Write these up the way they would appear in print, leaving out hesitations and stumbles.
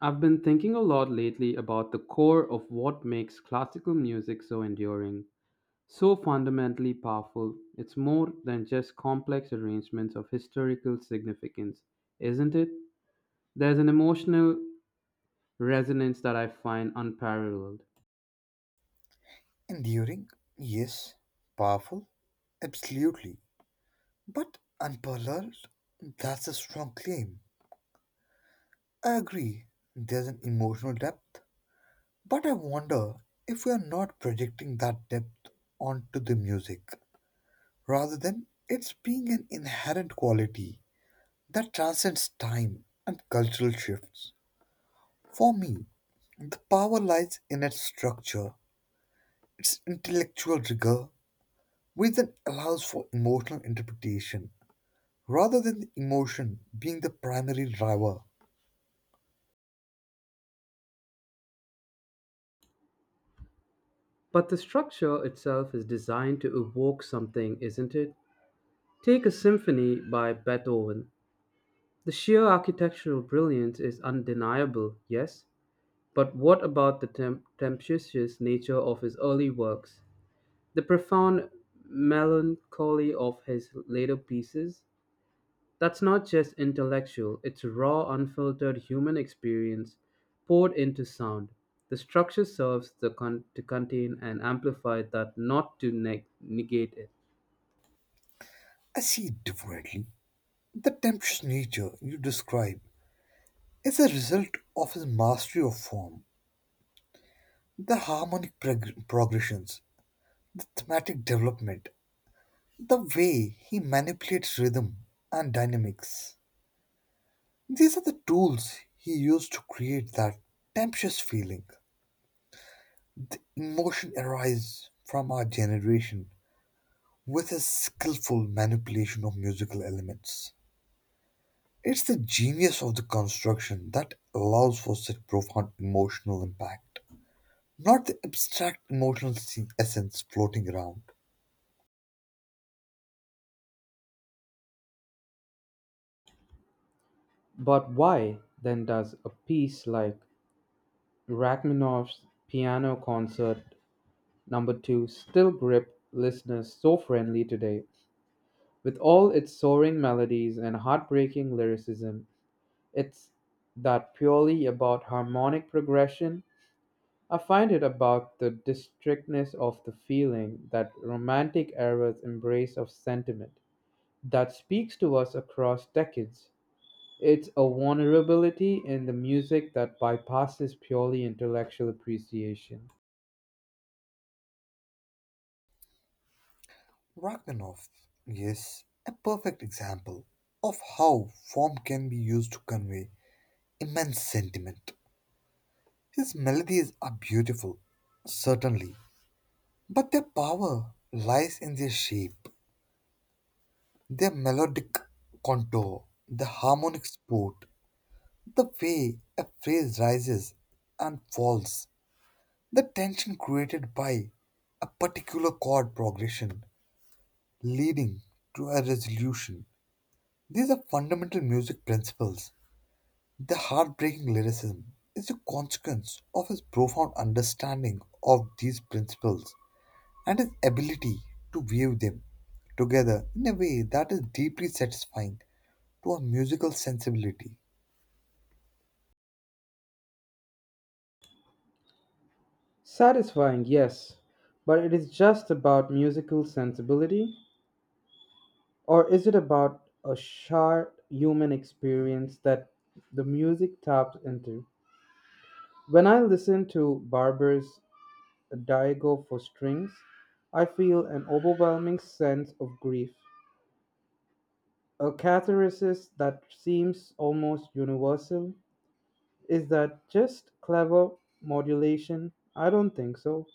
I've been thinking a lot lately about the core of what makes classical music so enduring, so fundamentally powerful. It's more than just complex arrangements of historical significance, isn't it? There's an emotional resonance that I find unparalleled. Enduring? Yes. Powerful? Absolutely. But unparalleled? That's a strong claim. I agree, there's an emotional depth, but I wonder if we are not projecting that depth onto the music, rather than it's being an inherent quality that transcends time and cultural shifts. For me, the power lies in its structure, its intellectual rigor, which then allows for emotional interpretation rather than emotion being the primary driver. But the structure itself is designed to evoke something, isn't it? Take a symphony by Beethoven. The sheer architectural brilliance is undeniable, yes, but what about the tempestuous nature of his early works, the profound melancholy of his later pieces? That's not just intellectual, it's raw, unfiltered human experience poured into sound. The structure serves to contain and amplify that, not to negate it. I see it differently. The tempestuous nature you describe is a result of his mastery of form, the harmonic progressions, the thematic development, the way he manipulates rhythm and dynamics. These are the tools he used to create that tempestuous feeling. The emotion arises from our generation with his skillful manipulation of musical elements. It's the genius of the construction that allows for such profound emotional impact, not the abstract emotional essence floating around. But why then does a piece like Rachmaninoff's Piano Concert Number 2 still grip listeners so friendly today? With all its soaring melodies and heartbreaking lyricism, it's that purely about harmonic progression. I find it about the distinctness of the feeling that Romantic era's embrace of sentiment that speaks to us across decades. It's a vulnerability in the music that bypasses purely intellectual appreciation. Rachmaninoff, yes, a perfect example of how form can be used to convey immense sentiment. His melodies are beautiful, certainly, but their power lies in their shape, their melodic contour, the harmonic support, the way a phrase rises and falls, the tension created by a particular chord progression leading to a resolution. These are fundamental music principles. The heartbreaking lyricism is a consequence of his profound understanding of these principles and his ability to weave them together in a way that is deeply satisfying to our musical sensibility. Satisfying, yes, but it is just about musical sensibility. Or is it about a shared human experience that the music taps into? When I listen to Barber's Diego for Strings, I feel an overwhelming sense of grief. A catharsis that seems almost universal. Is that just clever modulation? I don't think so.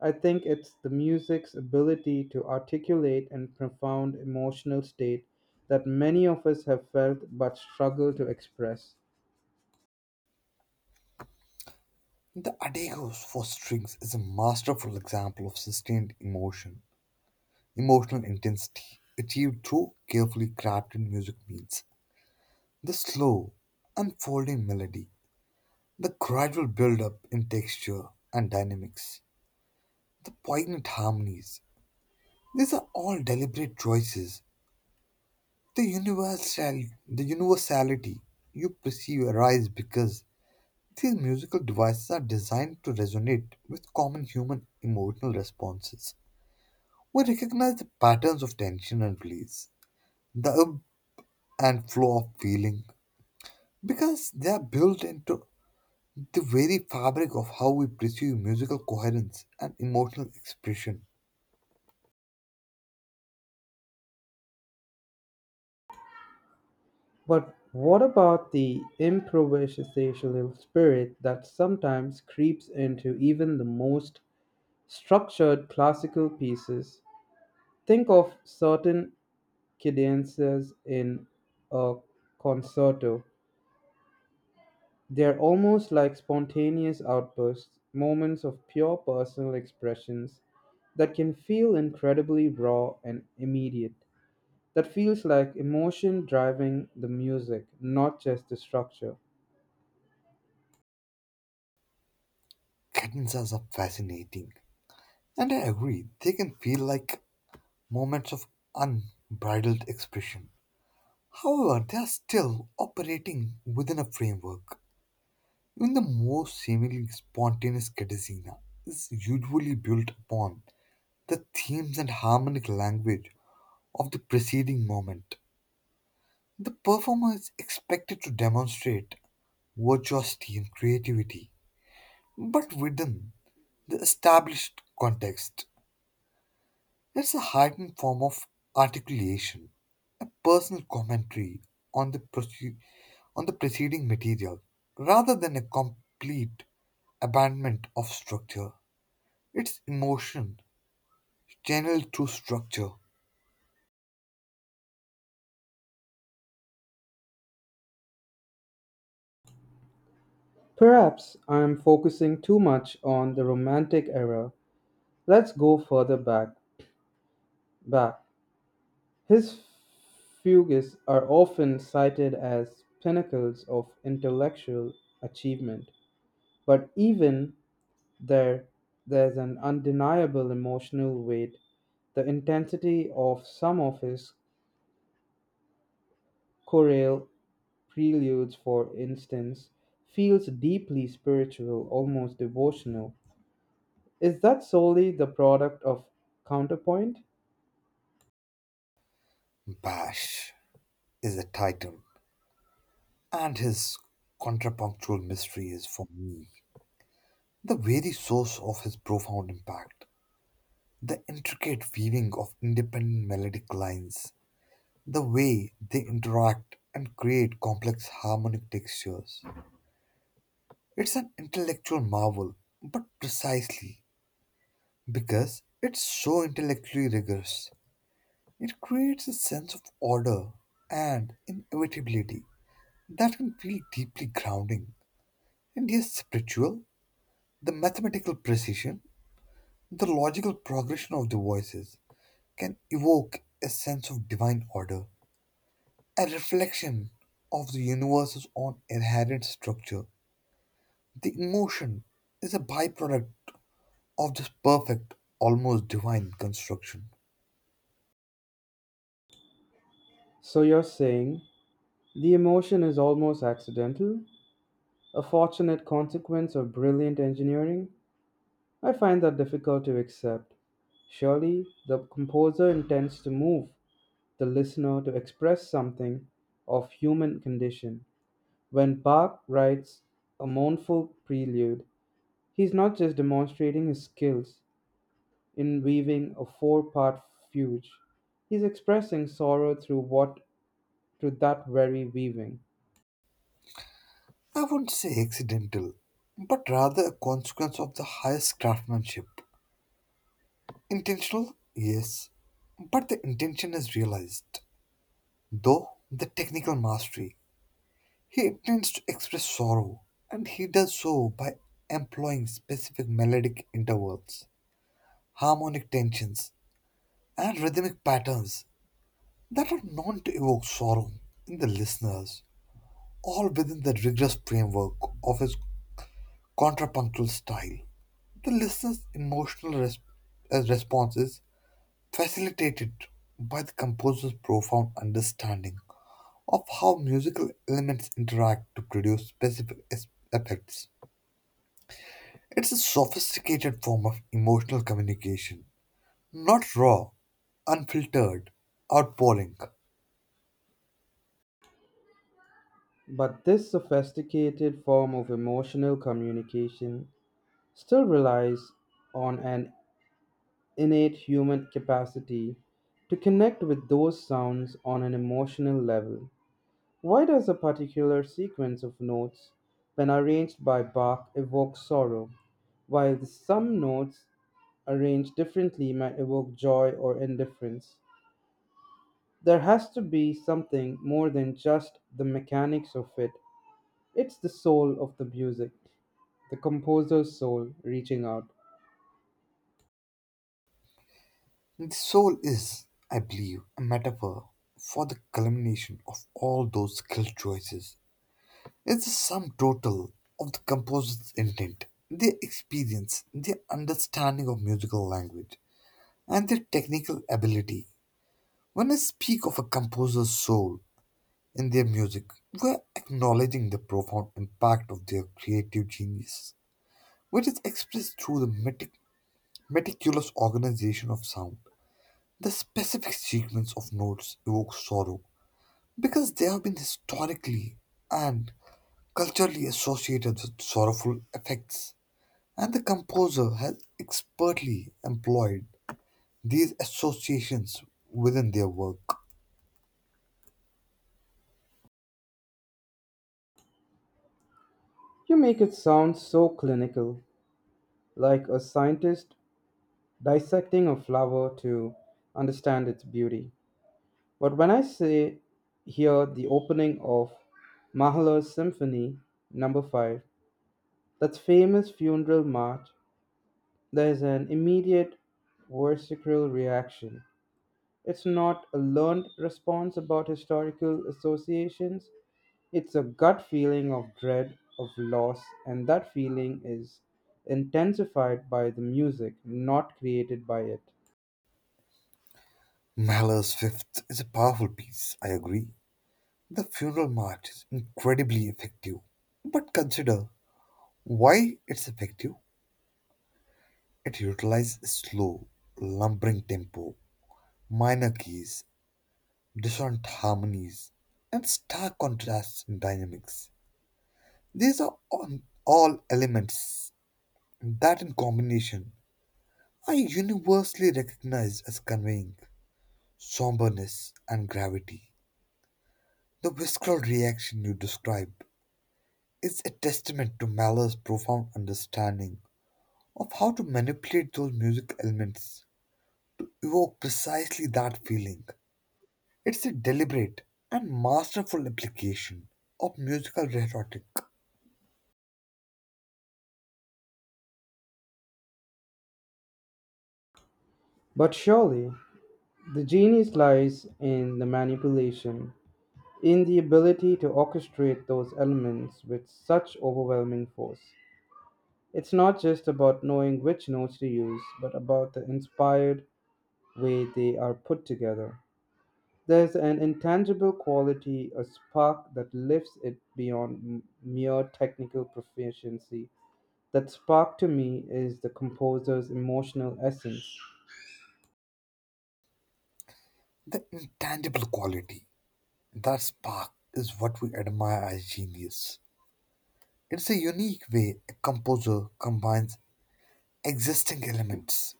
I think it's the music's ability to articulate and profound emotional state that many of us have felt but struggle to express. The Adagio for strings is a masterful example of sustained emotion, emotional intensity achieved through carefully crafted music means. The slow, unfolding melody, the gradual build-up in texture and dynamics, the poignant harmonies. These are all deliberate choices. The universal, the universality you perceive arise because these musical devices are designed to resonate with common human emotional responses. We recognize the patterns of tension and release, the ebb and flow of feeling, because they are built into the very fabric of how we pursue musical coherence and emotional expression. But what about the improvisational spirit that sometimes creeps into even the most structured classical pieces? Think of certain cadences in a concerto. They are almost like spontaneous outbursts, moments of pure personal expressions that can feel incredibly raw and immediate. That feels like emotion driving the music, not just the structure. Cadenzas are fascinating, and I agree they can feel like moments of unbridled expression. However, they are still operating within a framework. Even the most seemingly spontaneous cadenzina is usually built upon the themes and harmonic language of the preceding moment. The performer is expected to demonstrate virtuosity and creativity, but within the established context. It's a heightened form of articulation, a personal commentary on the preceding material, rather than a complete abandonment of structure. Its emotion channeled through structure. Perhaps I am focusing too much on the Romantic era. Let's go further back. Back. His fugues are often cited as pinnacles of intellectual achievement, but even there, there's an undeniable emotional weight. The intensity of some of his chorale preludes, for instance, feels deeply spiritual, almost devotional. Is that solely the product of counterpoint? Bash is a titan, and his contrapunctual mystery is, for me, the very source of his profound impact. The intricate weaving of independent melodic lines, the way they interact and create complex harmonic textures. It's an intellectual marvel, but precisely because it's so intellectually rigorous, it creates a sense of order and inevitability that can feel deeply grounding. And yes, spiritual, the mathematical precision, the logical progression of the voices can evoke a sense of divine order, a reflection of the universe's own inherent structure. The emotion is a byproduct of this perfect, almost divine construction. So you're saying the emotion is almost accidental, a fortunate consequence of brilliant engineering? I find that difficult to accept. Surely the composer intends to move, the listener to express something of human condition. When Bach writes a mournful prelude, he's not just demonstrating his skills in weaving a four-part fugue. He's expressing sorrow through what through that very weaving. I wouldn't say accidental, but rather a consequence of the highest craftsmanship. Intentional? Yes, but the intention is realized, though the technical mastery. He intends to express sorrow, and he does so by employing specific melodic intervals, harmonic tensions, and rhythmic patterns that are known to evoke sorrow in the listeners, all within the rigorous framework of his contrapuntal style. The listener's emotional response is facilitated by the composer's profound understanding of how musical elements interact to produce specific effects. It's a sophisticated form of emotional communication, not raw, unfiltered, outpouring. But this sophisticated form of emotional communication still relies on an innate human capacity to connect with those sounds on an emotional level. Why does a particular sequence of notes, when arranged by Bach, evoke sorrow, while some notes arranged differently might evoke joy or indifference? There has to be something more than just the mechanics of it. It's the soul of the music, the composer's soul reaching out. The soul is, I believe, a metaphor for the culmination of all those skill choices. It's the sum total of the composer's intent, their experience, their understanding of musical language, and their technical ability. When I speak of a composer's soul in their music, we're acknowledging the profound impact of their creative genius, which is expressed through the meticulous organization of sound. The specific sequence of notes evokes sorrow because they have been historically and culturally associated with sorrowful effects, and the composer has expertly employed these associations within their work. You make it sound so clinical, like a scientist dissecting a flower to understand its beauty. But when I say here the opening of Mahler's Symphony Number Five, that famous funeral march, there is an immediate visceral reaction. It's not a learned response about historical associations. It's a gut feeling of dread, of loss, and that feeling is intensified by the music, not created by it. Mahler's Fifth is a powerful piece, I agree. The funeral march is incredibly effective. But consider why it's effective. It utilizes slow, lumbering tempo, minor keys, dissonant harmonies, and stark contrasts in dynamics. These are all elements that, in combination, are universally recognized as conveying somberness and gravity. The visceral reaction you describe is a testament to Mahler's profound understanding of how to manipulate those music elements to evoke precisely that feeling. It's a deliberate and masterful application of musical rhetoric, But surely, the genius lies in the manipulation, in the ability to orchestrate those elements with such overwhelming force. It's not just about knowing which notes to use, but about the inspired way they are put together. There's an intangible quality, a spark that lifts it beyond mere technical proficiency. That spark to me is the composer's emotional essence. the intangible quality. That spark is what we admire as genius. It's a unique way a composer combines existing elements,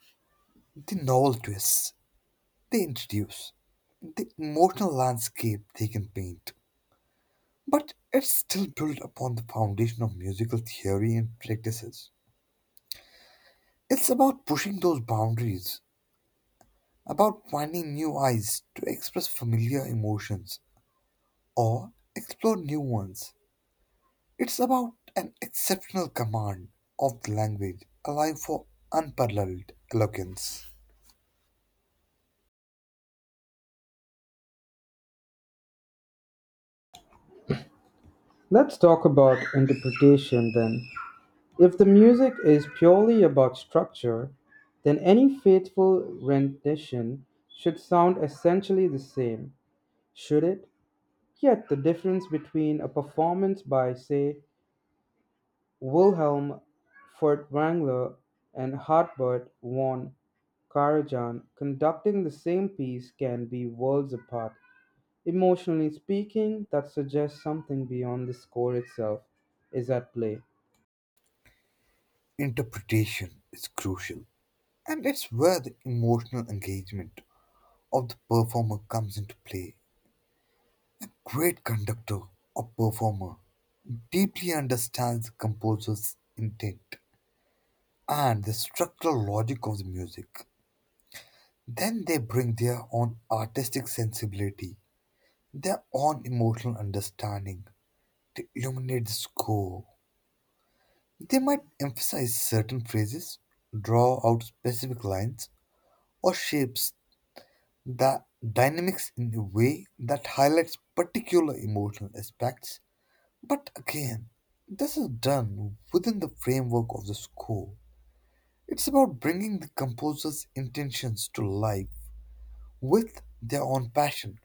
the novel twists they introduce, the emotional landscape they can paint. But it's still built upon the foundation of musical theory and practices. It's about pushing those boundaries about finding new eyes to express familiar emotions or explore new ones. It's about an exceptional command of the language, allowing for unparalleled eloquence. Let's talk about interpretation then. If the music is purely about structure, then any faithful rendition should sound essentially the same, should it? Yet the difference between a performance by, say, Wilhelm Furtwängler and Hartbert von Karajan conducting the same piece can be worlds apart. Emotionally speaking, that suggests something beyond the score itself is at play. Interpretation is crucial, and it's where the emotional engagement of the performer comes into play. Great conductor or performer deeply understands the composer's intent and the structural logic of the music. Then they bring their own artistic sensibility, their own emotional understanding to illuminate the score. They might emphasize certain phrases, draw out specific lines, or shapes the dynamics in a way that highlights particular emotional aspects. But again, this is done within the framework of the score. It's about bringing the composer's intentions to life with their own passion.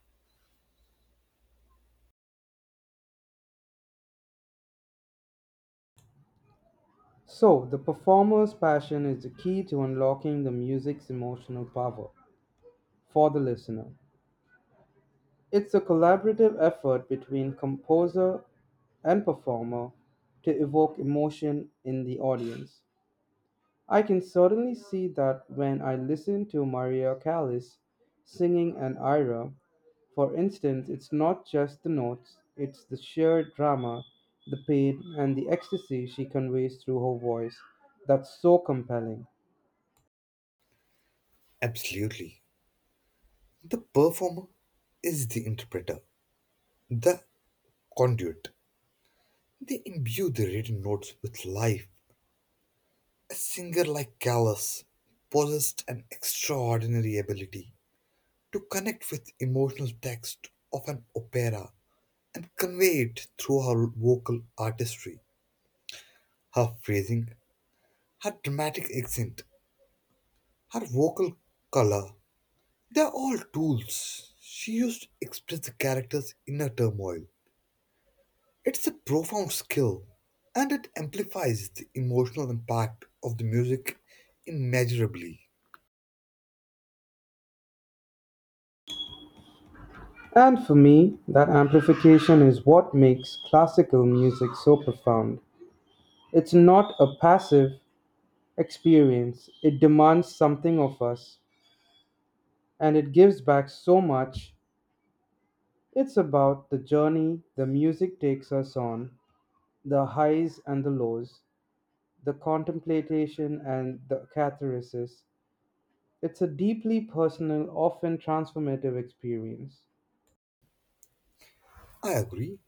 So, the performer's passion is the key to unlocking the music's emotional power for the listener. It's a collaborative effort between composer and performer to evoke emotion in the audience. I can certainly see that when I listen to Maria Callas singing an Ira, for instance, it's not just the notes, it's the sheer drama, the pain, and the ecstasy she conveys through her voice that's so compelling. Absolutely. The performer is the interpreter, the conduit. They imbue the written notes with life. A singer like Callas possessed an extraordinary ability to connect with emotional text of an opera and convey it through her vocal artistry, her phrasing, her dramatic accent, her vocal color. They are all tools she used to express the character's inner turmoil. It's a profound skill, and it amplifies the emotional impact of the music immeasurably. And for me, that amplification is what makes classical music so profound. It's not a passive experience, it demands something of us, and it gives back so much. It's about the journey the music takes us on, the highs and the lows, the contemplation and the catharsis. It's a deeply personal, often transformative experience. I agree,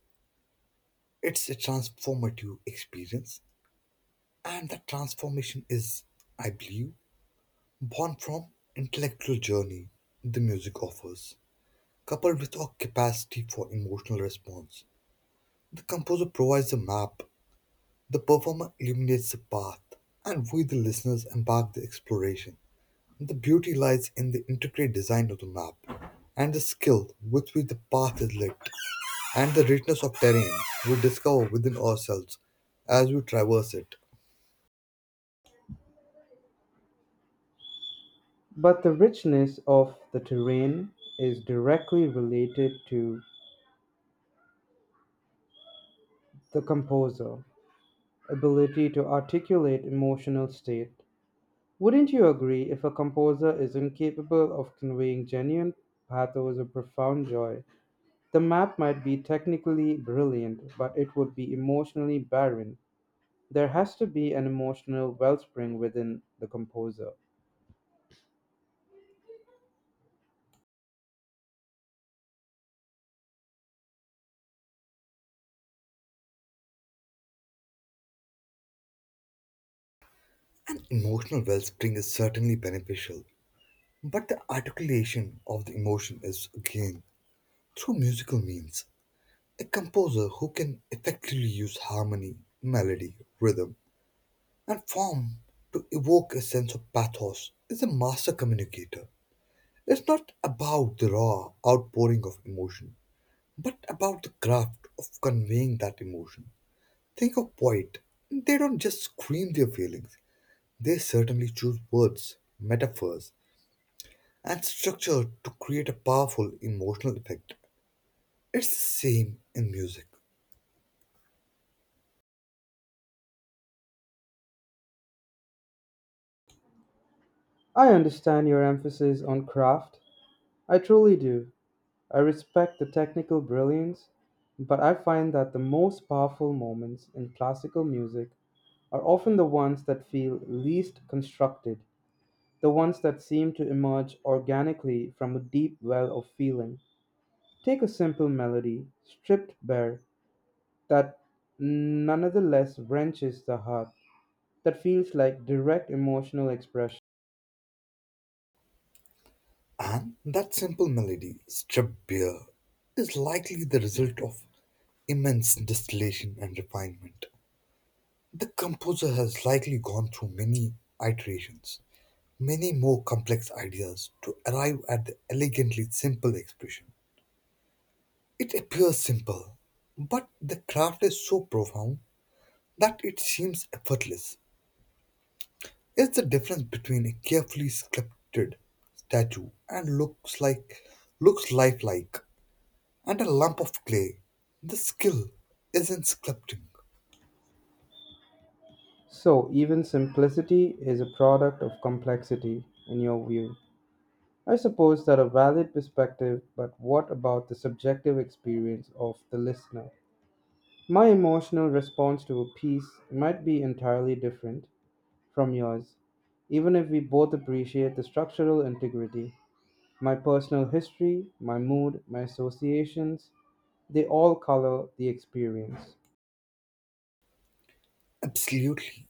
it's a transformative experience, and that transformation is, I believe, born from intellectual journey the music offers, coupled with our capacity for emotional response. The composer provides a map, the performer illuminates the path, and we, the listeners, embark the exploration. The beauty lies in the intricate design of the map, and the skill with which the path is lit, and the richness of terrain we discover within ourselves as we traverse it. But the richness of the terrain is directly related to the composer, ability to articulate emotional state. Wouldn't you agree if a composer is incapable of conveying genuine pathos or profound joy, the map might be technically brilliant, but it would be emotionally barren. There has to be an emotional wellspring within the composer. An emotional wellspring is certainly beneficial, but the articulation of the emotion is gained through musical means. A composer who can effectively use harmony, melody, rhythm, and form to evoke a sense of pathos is a master communicator. It's not about the raw outpouring of emotion, but about the craft of conveying that emotion. Think of poet. They don't just scream their feelings, they certainly choose words, metaphors, and structure to create a powerful emotional effect. It's the same in music. I understand your emphasis on craft. I truly do. I respect the technical brilliance, but I find that the most powerful moments in classical music are often the ones that feel least constructed, the ones that seem to emerge organically from a deep well of feeling. Take a simple melody, stripped bare, that nonetheless wrenches the heart, that feels like direct emotional expression. And that simple melody, stripped bare, is likely the result of immense distillation and refinement. The composer has likely gone through many iterations, many more complex ideas to arrive at the elegantly simple expression. It appears simple, but the craft is so profound that it seems effortless. It's the difference between a carefully sculpted statue and looks lifelike and a lump of clay. The skill is in sculpting. So, even simplicity is a product of complexity, in your view. I suppose that a valid perspective, but what about the subjective experience of the listener? My emotional response to a piece might be entirely different from yours, even if we both appreciate the structural integrity. My personal history, my mood, my associations, they all color the experience. Absolutely.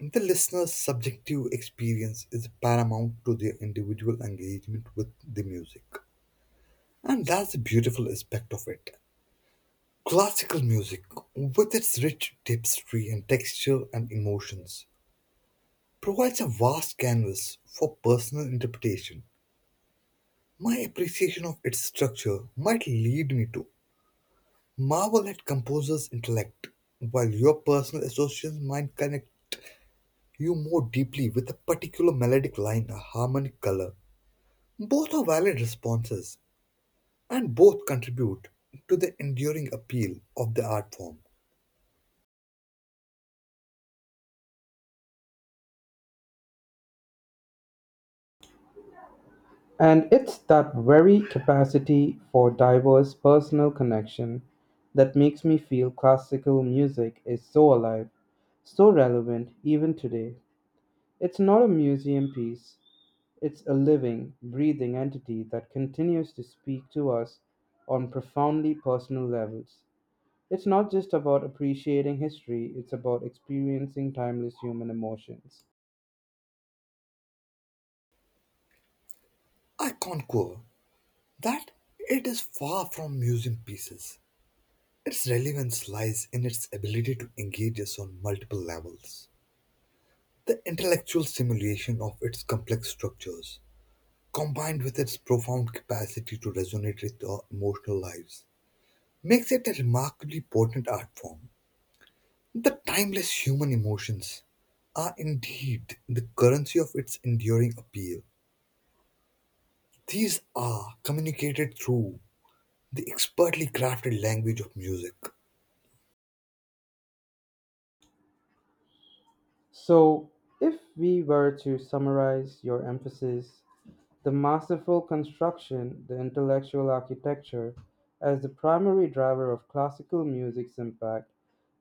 The listener's subjective experience is paramount to their individual engagement with the music. And that's the beautiful aspect of it. Classical music, with its rich tapestry and texture and emotions, provides a vast canvas for personal interpretation. My appreciation of its structure might lead me to marvel at composer's intellect, while your personal associations might connect you more deeply with a particular melodic line or harmonic color. Both are valid responses, and both contribute to the enduring appeal of the art form. And it's that very capacity for diverse personal connection that makes me feel classical music is so alive, so relevant even today. It's not a museum piece, it's a living, breathing entity that continues to speak to us on profoundly personal levels. It's not just about appreciating history, it's about experiencing timeless human emotions. I concur that it is far from museum pieces. Its relevance lies in its ability to engage us on multiple levels. The intellectual simulation of its complex structures, combined with its profound capacity to resonate with our emotional lives, makes it a remarkably potent art form. The timeless human emotions are indeed the currency of its enduring appeal. These are communicated through the expertly crafted language of music. So, if we were to summarize your emphasis, the masterful construction, the intellectual architecture, as the primary driver of classical music's impact,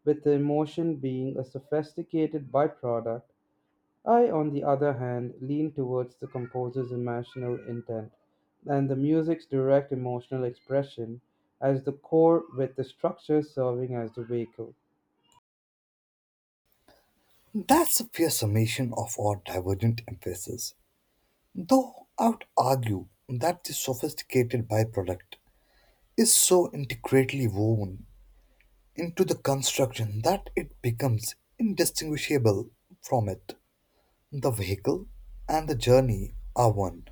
with the emotion being a sophisticated byproduct. I, on the other hand, lean towards the composer's emotional intent and the music's direct emotional expression as the core, with the structure serving as the vehicle. That's a fair summation of our divergent emphasis, though I would argue that the sophisticated byproduct is so intricately woven into the construction that it becomes indistinguishable from it. The vehicle and the journey are one.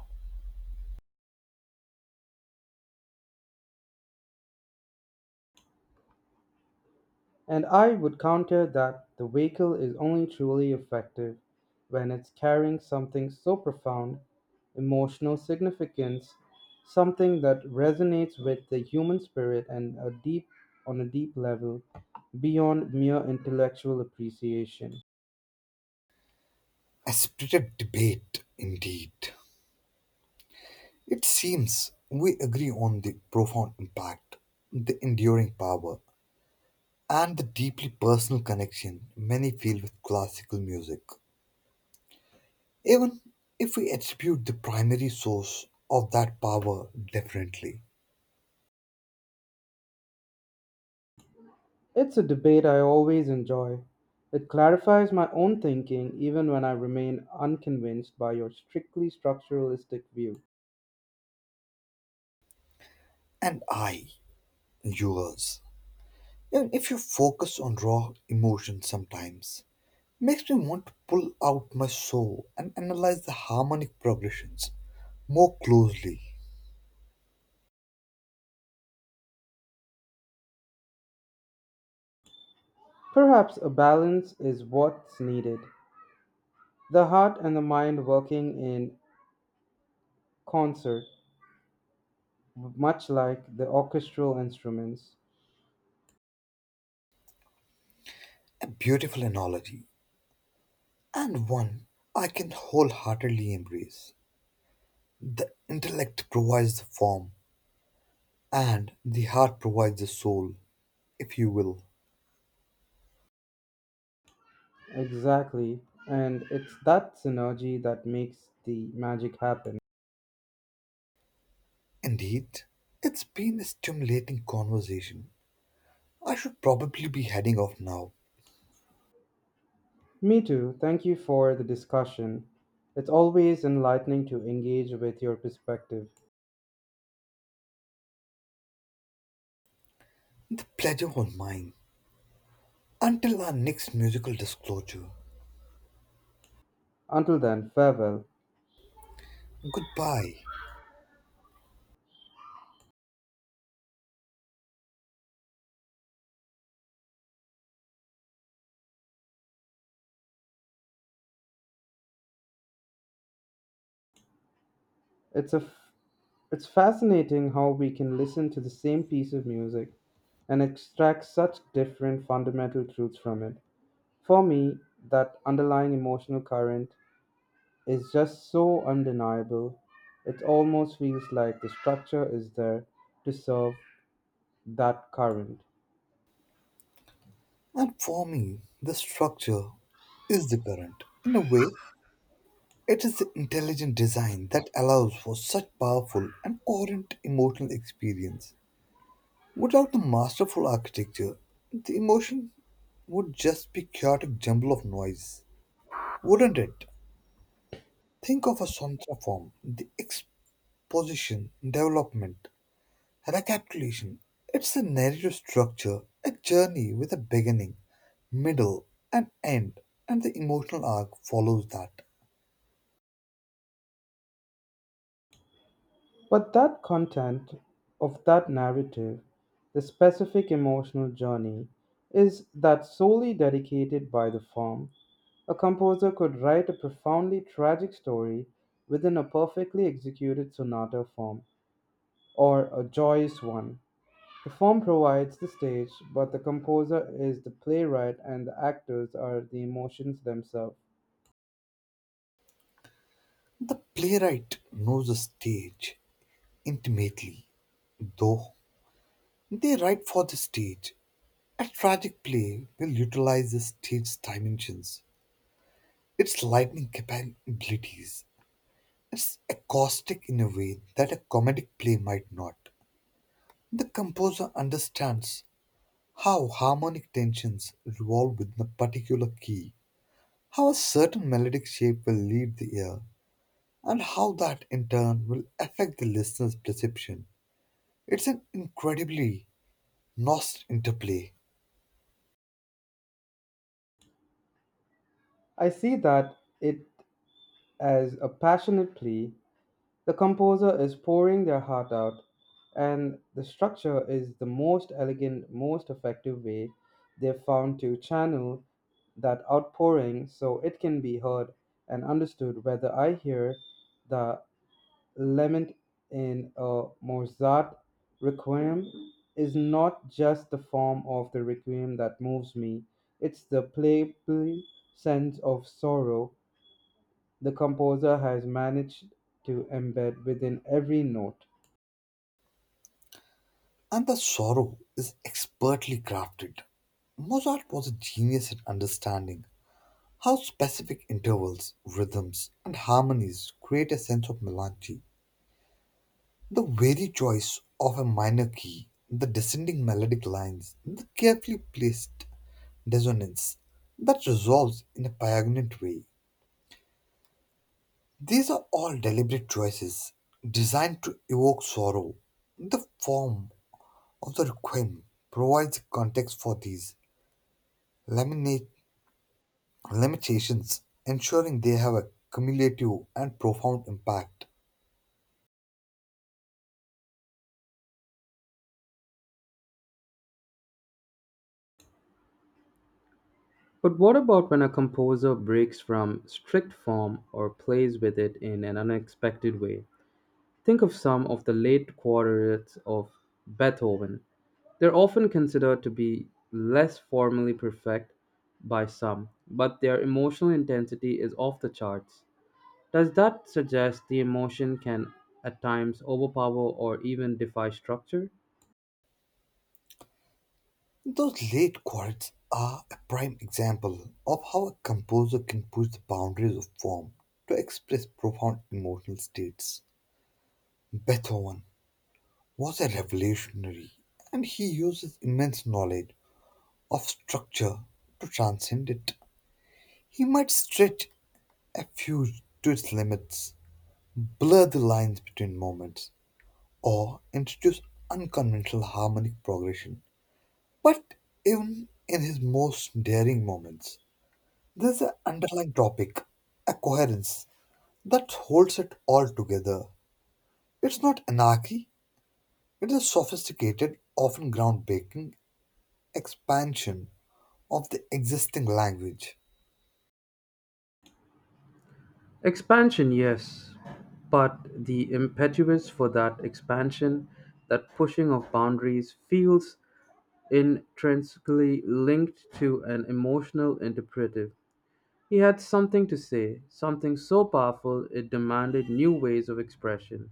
And I would counter that the vehicle is only truly effective when it's carrying something so profound, emotional significance, something that resonates with the human spirit and a deep on a deep level beyond mere intellectual appreciation. A spirited debate, indeed. It seems we agree on the profound impact, the enduring power, and the deeply personal connection many feel with classical music, even if we attribute the primary source of that power differently. It's a debate I always enjoy. It clarifies my own thinking even when I remain unconvinced by your strictly structuralistic view. And I, yours, even if you focus on raw emotion sometimes, makes me want to pull out my soul and analyze the harmonic progressions more closely. Perhaps a balance is what's needed. The heart and the mind working in concert, much like the orchestral instruments. A beautiful analogy, and one I can wholeheartedly embrace. The intellect provides the form, and the heart provides the soul, if you will. Exactly. And it's that synergy that makes the magic happen. Indeed, it's been a stimulating conversation. I should probably be heading off now. Me too. Thank you for the discussion. It's always enlightening to engage with your perspective. The pleasure was mine. Until our next musical disclosure, Until then, farewell. goodbye. It's a f- it's fascinating how we can listen to the same piece of music and extract such different fundamental truths from it. For me, that underlying emotional current is just so undeniable. It almost feels like the structure is there to serve that current. And for me, the structure is the current. In a way, it is the intelligent design that allows for such powerful and coherent emotional experience. Without the masterful architecture, the emotion would just be chaotic jumble of noise, wouldn't it? Think of a sontra form, the position, development, recapitulation. It's a narrative structure, a journey with a beginning, middle, and end, and the emotional arc follows that. But that content of that narrative, the specific emotional journey, is that solely dedicated by the form? A composer could write a profoundly tragic story within a perfectly executed sonata form, or a joyous one. The form provides the stage, but the composer is the playwright and the actors are the emotions themselves. The playwright knows the stage intimately, though they write for the stage. A tragic play will utilize the stage's dimensions, its lightning capabilities. It's acoustic in a way that a comedic play might not. The composer understands how harmonic tensions revolve within a particular key, how a certain melodic shape will lead the ear, and how that in turn will affect the listener's perception. It's an incredibly nuanced interplay, I see that it as a passionate plea. The composer is pouring their heart out, and the structure is the most elegant, most effective way they've found to channel that outpouring so it can be heard and understood. Whether I hear the lament in a Mozart requiem is not just the form of the requiem that moves me, it's the playful sense of sorrow the composer has managed to embed within every note. and the sorrow is expertly crafted. Mozart was a genius at understanding how specific intervals, rhythms, and harmonies create a sense of melancholy. The very choice of a minor key, the descending melodic lines, the carefully placed dissonance that resolves in a poignant way. These are all deliberate choices designed to evoke sorrow. The form of the requiem provides context for these laminate limitations, ensuring they have a cumulative and profound impact. But what about when a composer breaks from strict form or plays with it in an unexpected way? Think of some of the late quartets of Beethoven. They're often considered to be less formally perfect by some, but their emotional intensity is off the charts. Does that suggest the emotion can at times overpower or even defy structure? Those late quartets are a prime example of how a composer can push the boundaries of form to express profound emotional states. Beethoven was a revolutionary, and he used his immense knowledge of structure to transcend it. He might stretch a fugue to its limits, blur the lines between moments, or introduce unconventional harmonic progression. But even in his most daring moments, there's an underlying topic, a coherence, that holds it all together. It's not anarchy, it is a sophisticated, often groundbreaking expansion of the existing language. Expansion, yes, but the impetus for that expansion, that pushing of boundaries, feels intrinsically linked to an emotional interpretive. He had something to say, something so powerful it demanded new ways of expression.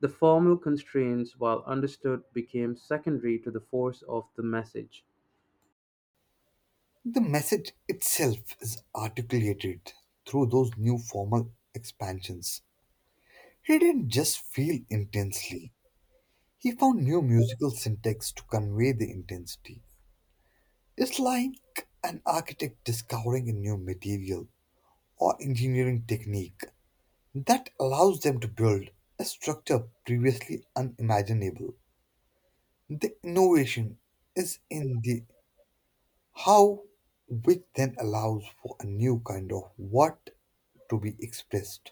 The formal constraints, while understood, became secondary to the force of the message. The message itself is articulated through those new formal expansions. He didn't just feel intensely, he found new musical syntax to convey the intensity. It's like an architect discovering a new material or engineering technique that allows them to build a structure previously unimaginable. The innovation is in the how, which then allows for a new kind of what to be expressed.